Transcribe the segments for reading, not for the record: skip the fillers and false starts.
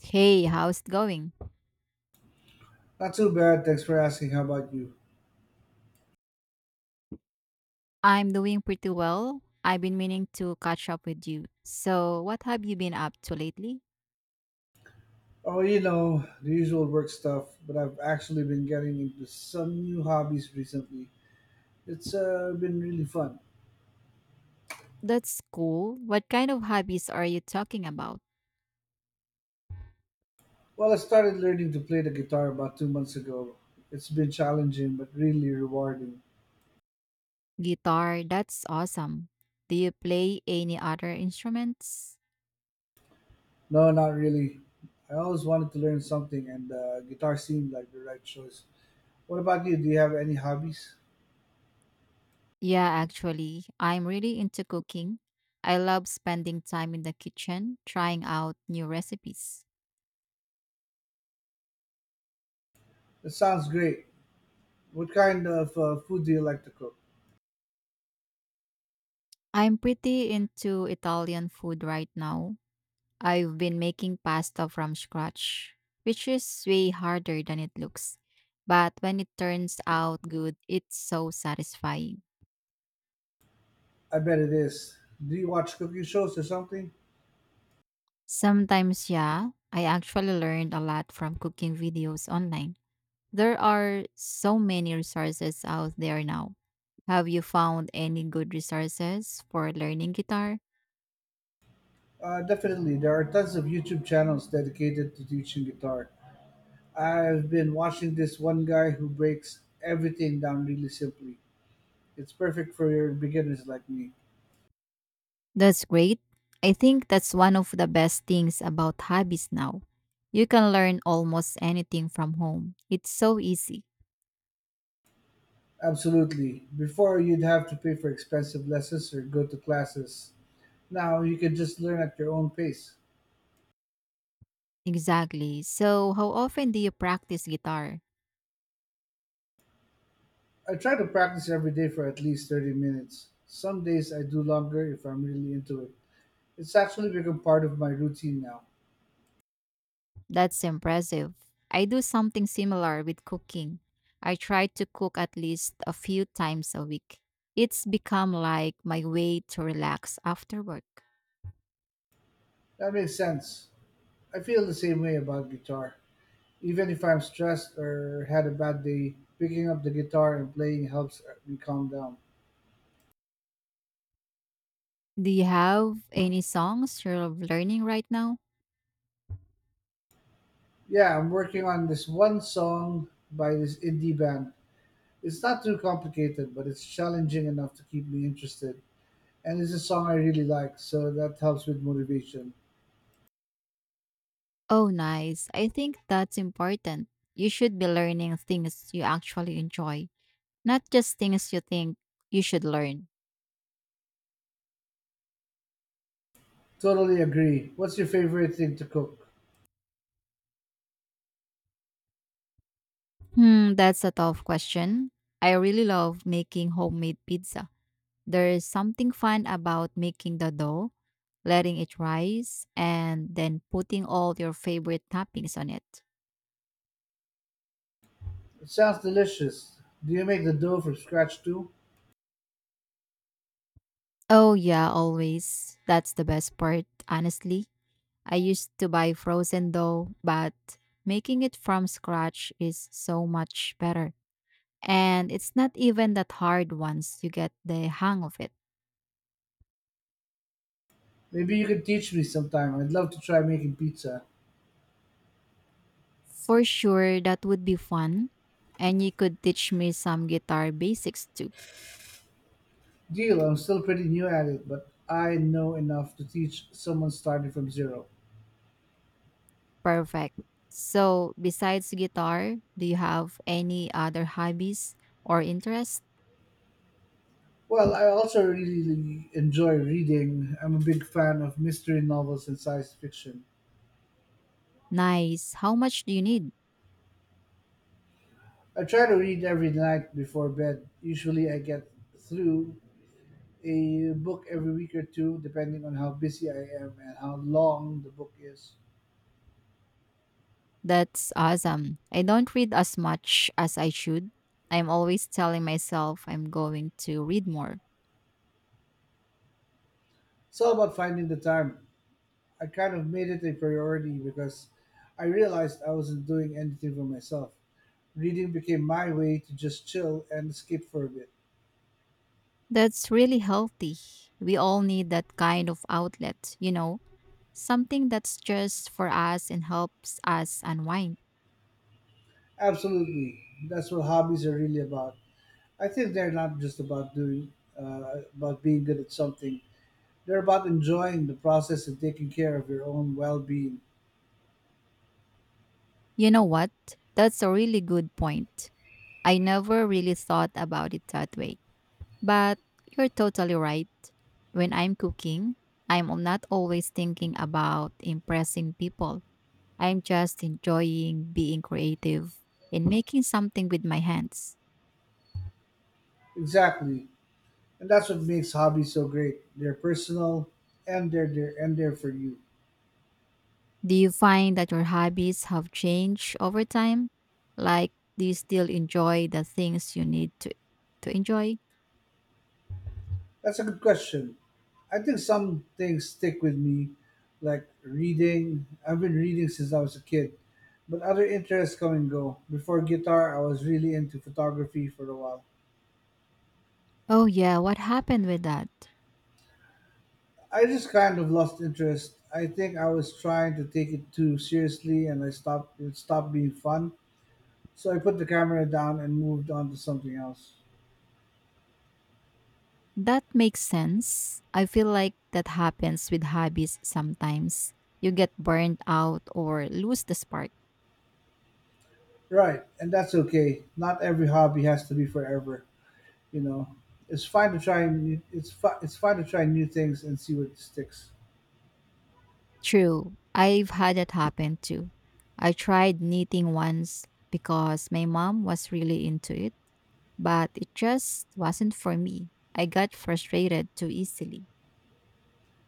Hey, how's it going? Not too bad, thanks for asking. How about you? I'm doing pretty well. I've been meaning to catch up with you. So, what have you been up to lately? Oh, you know, the usual work stuff, but I've actually been getting into some new hobbies recently. It's been really fun. That's cool. What kind of hobbies are you talking about? Well, I started learning to play the guitar about 2 months ago. It's been challenging, but really rewarding. Guitar, that's awesome. Do you play any other instruments? No, not really. I always wanted to learn something, and guitar seemed like the right choice. What about you? Do you have any hobbies? Yeah, actually, I'm really into cooking. I love spending time in the kitchen trying out new recipes. That sounds great. What kind of food do you like to cook? I'm pretty into Italian food right now. I've been making pasta from scratch, which is way harder than it looks. But when it turns out good, it's so satisfying. I bet it is. Do you watch cooking shows or something? Sometimes, yeah, I actually learned a lot from cooking videos online. There are so many resources out there now. Have you found any good resources for learning guitar? Definitely, there are tons of YouTube channels dedicated to teaching guitar. I've been watching this one guy who breaks everything down really simply. It's perfect for your beginners like me. That's great. I think that's one of the best things about hobbies now. You can learn almost anything from home. It's so easy. Absolutely. Before, you'd have to pay for expensive lessons or go to classes. Now, you can just learn at your own pace. Exactly. So, how often do you practice guitar? I try to practice every day for at least 30 minutes. Some days I do longer if I'm really into it. It's actually become part of my routine now. That's impressive. I do something similar with cooking. I try to cook at least a few times a week. It's become like my way to relax after work. That makes sense. I feel the same way about guitar. Even if I'm stressed or had a bad day, picking up the guitar and playing helps me calm down. Do you have any songs you're learning right now? Yeah, I'm working on this one song by this indie band. It's not too complicated, but it's challenging enough to keep me interested. And it's a song I really like, so that helps with motivation. Oh, nice. I think that's important. You should be learning things you actually enjoy, not just things you think you should learn. Totally agree. What's your favorite thing to cook? Hmm, that's a tough question. I really love making homemade pizza. There is something fun about making the dough, letting it rise, and then putting all your favorite toppings on it. It sounds delicious. Do you make the dough from scratch too? Oh, yeah, always. That's the best part, honestly. I used to buy frozen dough, but making it from scratch is so much better. And it's not even that hard once you get the hang of it. Maybe you can teach me sometime. I'd love to try making pizza. For sure, that would be fun. And you could teach me some guitar basics too. Deal, I'm still pretty new at it, but I know enough to teach someone starting from zero. Perfect. So, besides guitar, do you have any other hobbies or interests? Well, I also really enjoy reading. I'm a big fan of mystery novels and science fiction. Nice. How much do you need? I try to read every night before bed. Usually, I get through a book every week or two, depending on how busy I am and how long the book is. That's awesome. I don't read as much as I should. I'm always telling myself I'm going to read more. It's all about finding the time. I kind of made it a priority because I realized I wasn't doing anything for myself. Reading became my way to just chill and escape for a bit. That's really healthy. We all need that kind of outlet, you know, something that's just for us and helps us unwind. Absolutely, that's what hobbies are really about. I think they're not just about doing, about being good at something. They're about enjoying the process and taking care of your own well-being. You know what? That's a really good point. I never really thought about it that way. But you're totally right. When I'm cooking, I'm not always thinking about impressing people. I'm just enjoying being creative and making something with my hands. Exactly, and that's what makes hobbies so great. They're personal, and they're there and they're for you. Do you find that your hobbies have changed over time? Like, do you still enjoy the things you need to enjoy? That's a good question. I think some things stick with me, like reading. I've been reading since I was a kid, but other interests come and go. Before guitar, I was really into photography for a while. Oh, yeah, what happened with that? I just kind of lost interest. I think I was trying to take it too seriously and I stopped it stopped being fun. So I put the camera down and moved on to something else. That makes sense. I feel like that happens with hobbies sometimes. You get burned out or lose the spark. Right, and that's okay. Not every hobby has to be forever, you know. It's fine to try new things and see what sticks. True, I've had that happen too. I tried knitting once because my mom was really into it, but it just wasn't for me. I got frustrated too easily.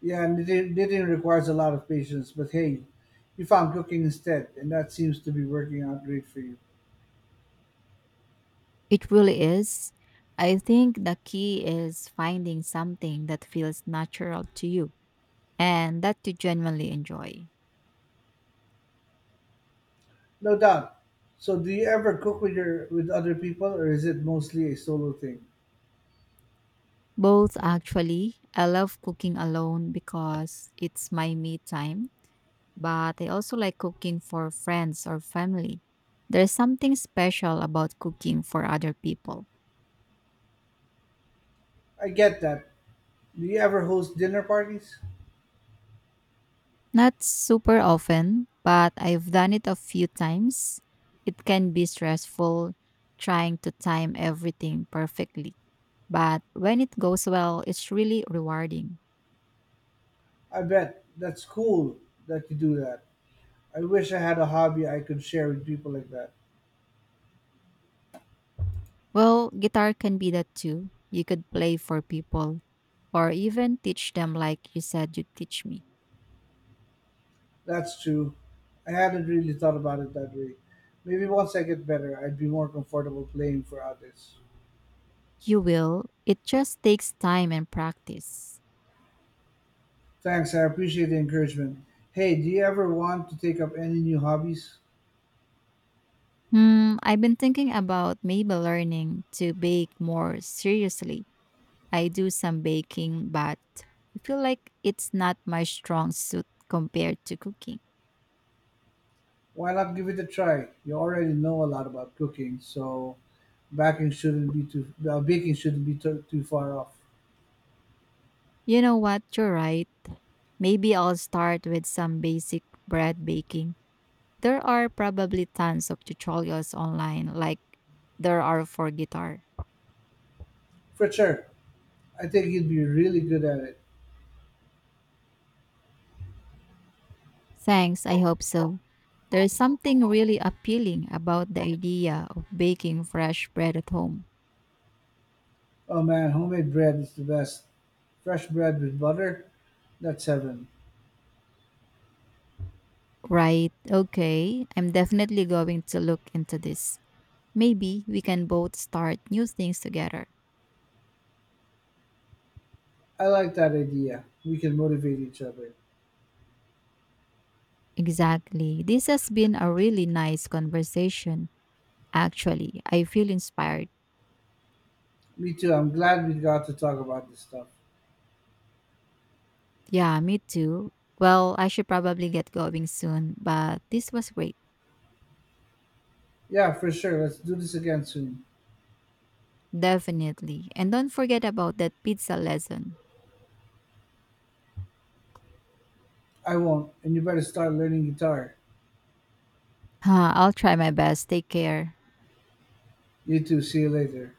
Yeah, and knitting requires a lot of patience, but hey, you found cooking instead, and that seems to be working out great for you. It really is. I think the key is finding something that feels natural to you and that you genuinely enjoy. No doubt. So, do you ever cook with other people, or is it mostly a solo thing? Both actually. I love cooking alone because it's my me time, but I also like cooking for friends or family. There's something special about cooking for other people. I get that. Do you ever host dinner parties? Not super often, but I've done it a few times. It can be stressful trying to time everything perfectly, but when it goes well, it's really rewarding. I bet that's cool that you do that. I wish I had a hobby I could share with people like that. Well, guitar can be that too. You could play for people or even teach them like you said you'd teach me. That's true. I hadn't really thought about it that way. Maybe once I get better, I'd be more comfortable playing for others. You will. It just takes time and practice. Thanks, I appreciate the encouragement. Hey, do you ever want to take up any new hobbies? Hmm, I've been thinking about maybe learning to bake more seriously. I do some baking, but I feel like it's not my strong suit compared to cooking. Why not give it a try? You already know a lot about cooking, so baking shouldn't be too, too far off. You know what? You're right. Maybe I'll start with some basic bread baking. There are probably tons of tutorials online, like there are for guitar. For sure, I think you'd be really good at it. Thanks, I hope so. There is something really appealing about the idea of baking fresh bread at home. Oh man, homemade bread is the best. Fresh bread with butter, that's heaven. Right, okay, I'm definitely going to look into this. Maybe we can both start new things together. I like that idea. We can motivate each other. Exactly. This has been a really nice conversation. Actually, I feel inspired. Me too. I'm glad we got to talk about this stuff. Yeah, me too. Well, I should probably get going soon, but this was great. Yeah, for sure. Let's do this again soon. Definitely. And don't forget about that pizza lesson. I won't, and you better start learning guitar. Huh, I'll try my best. Take care. You too. See you later.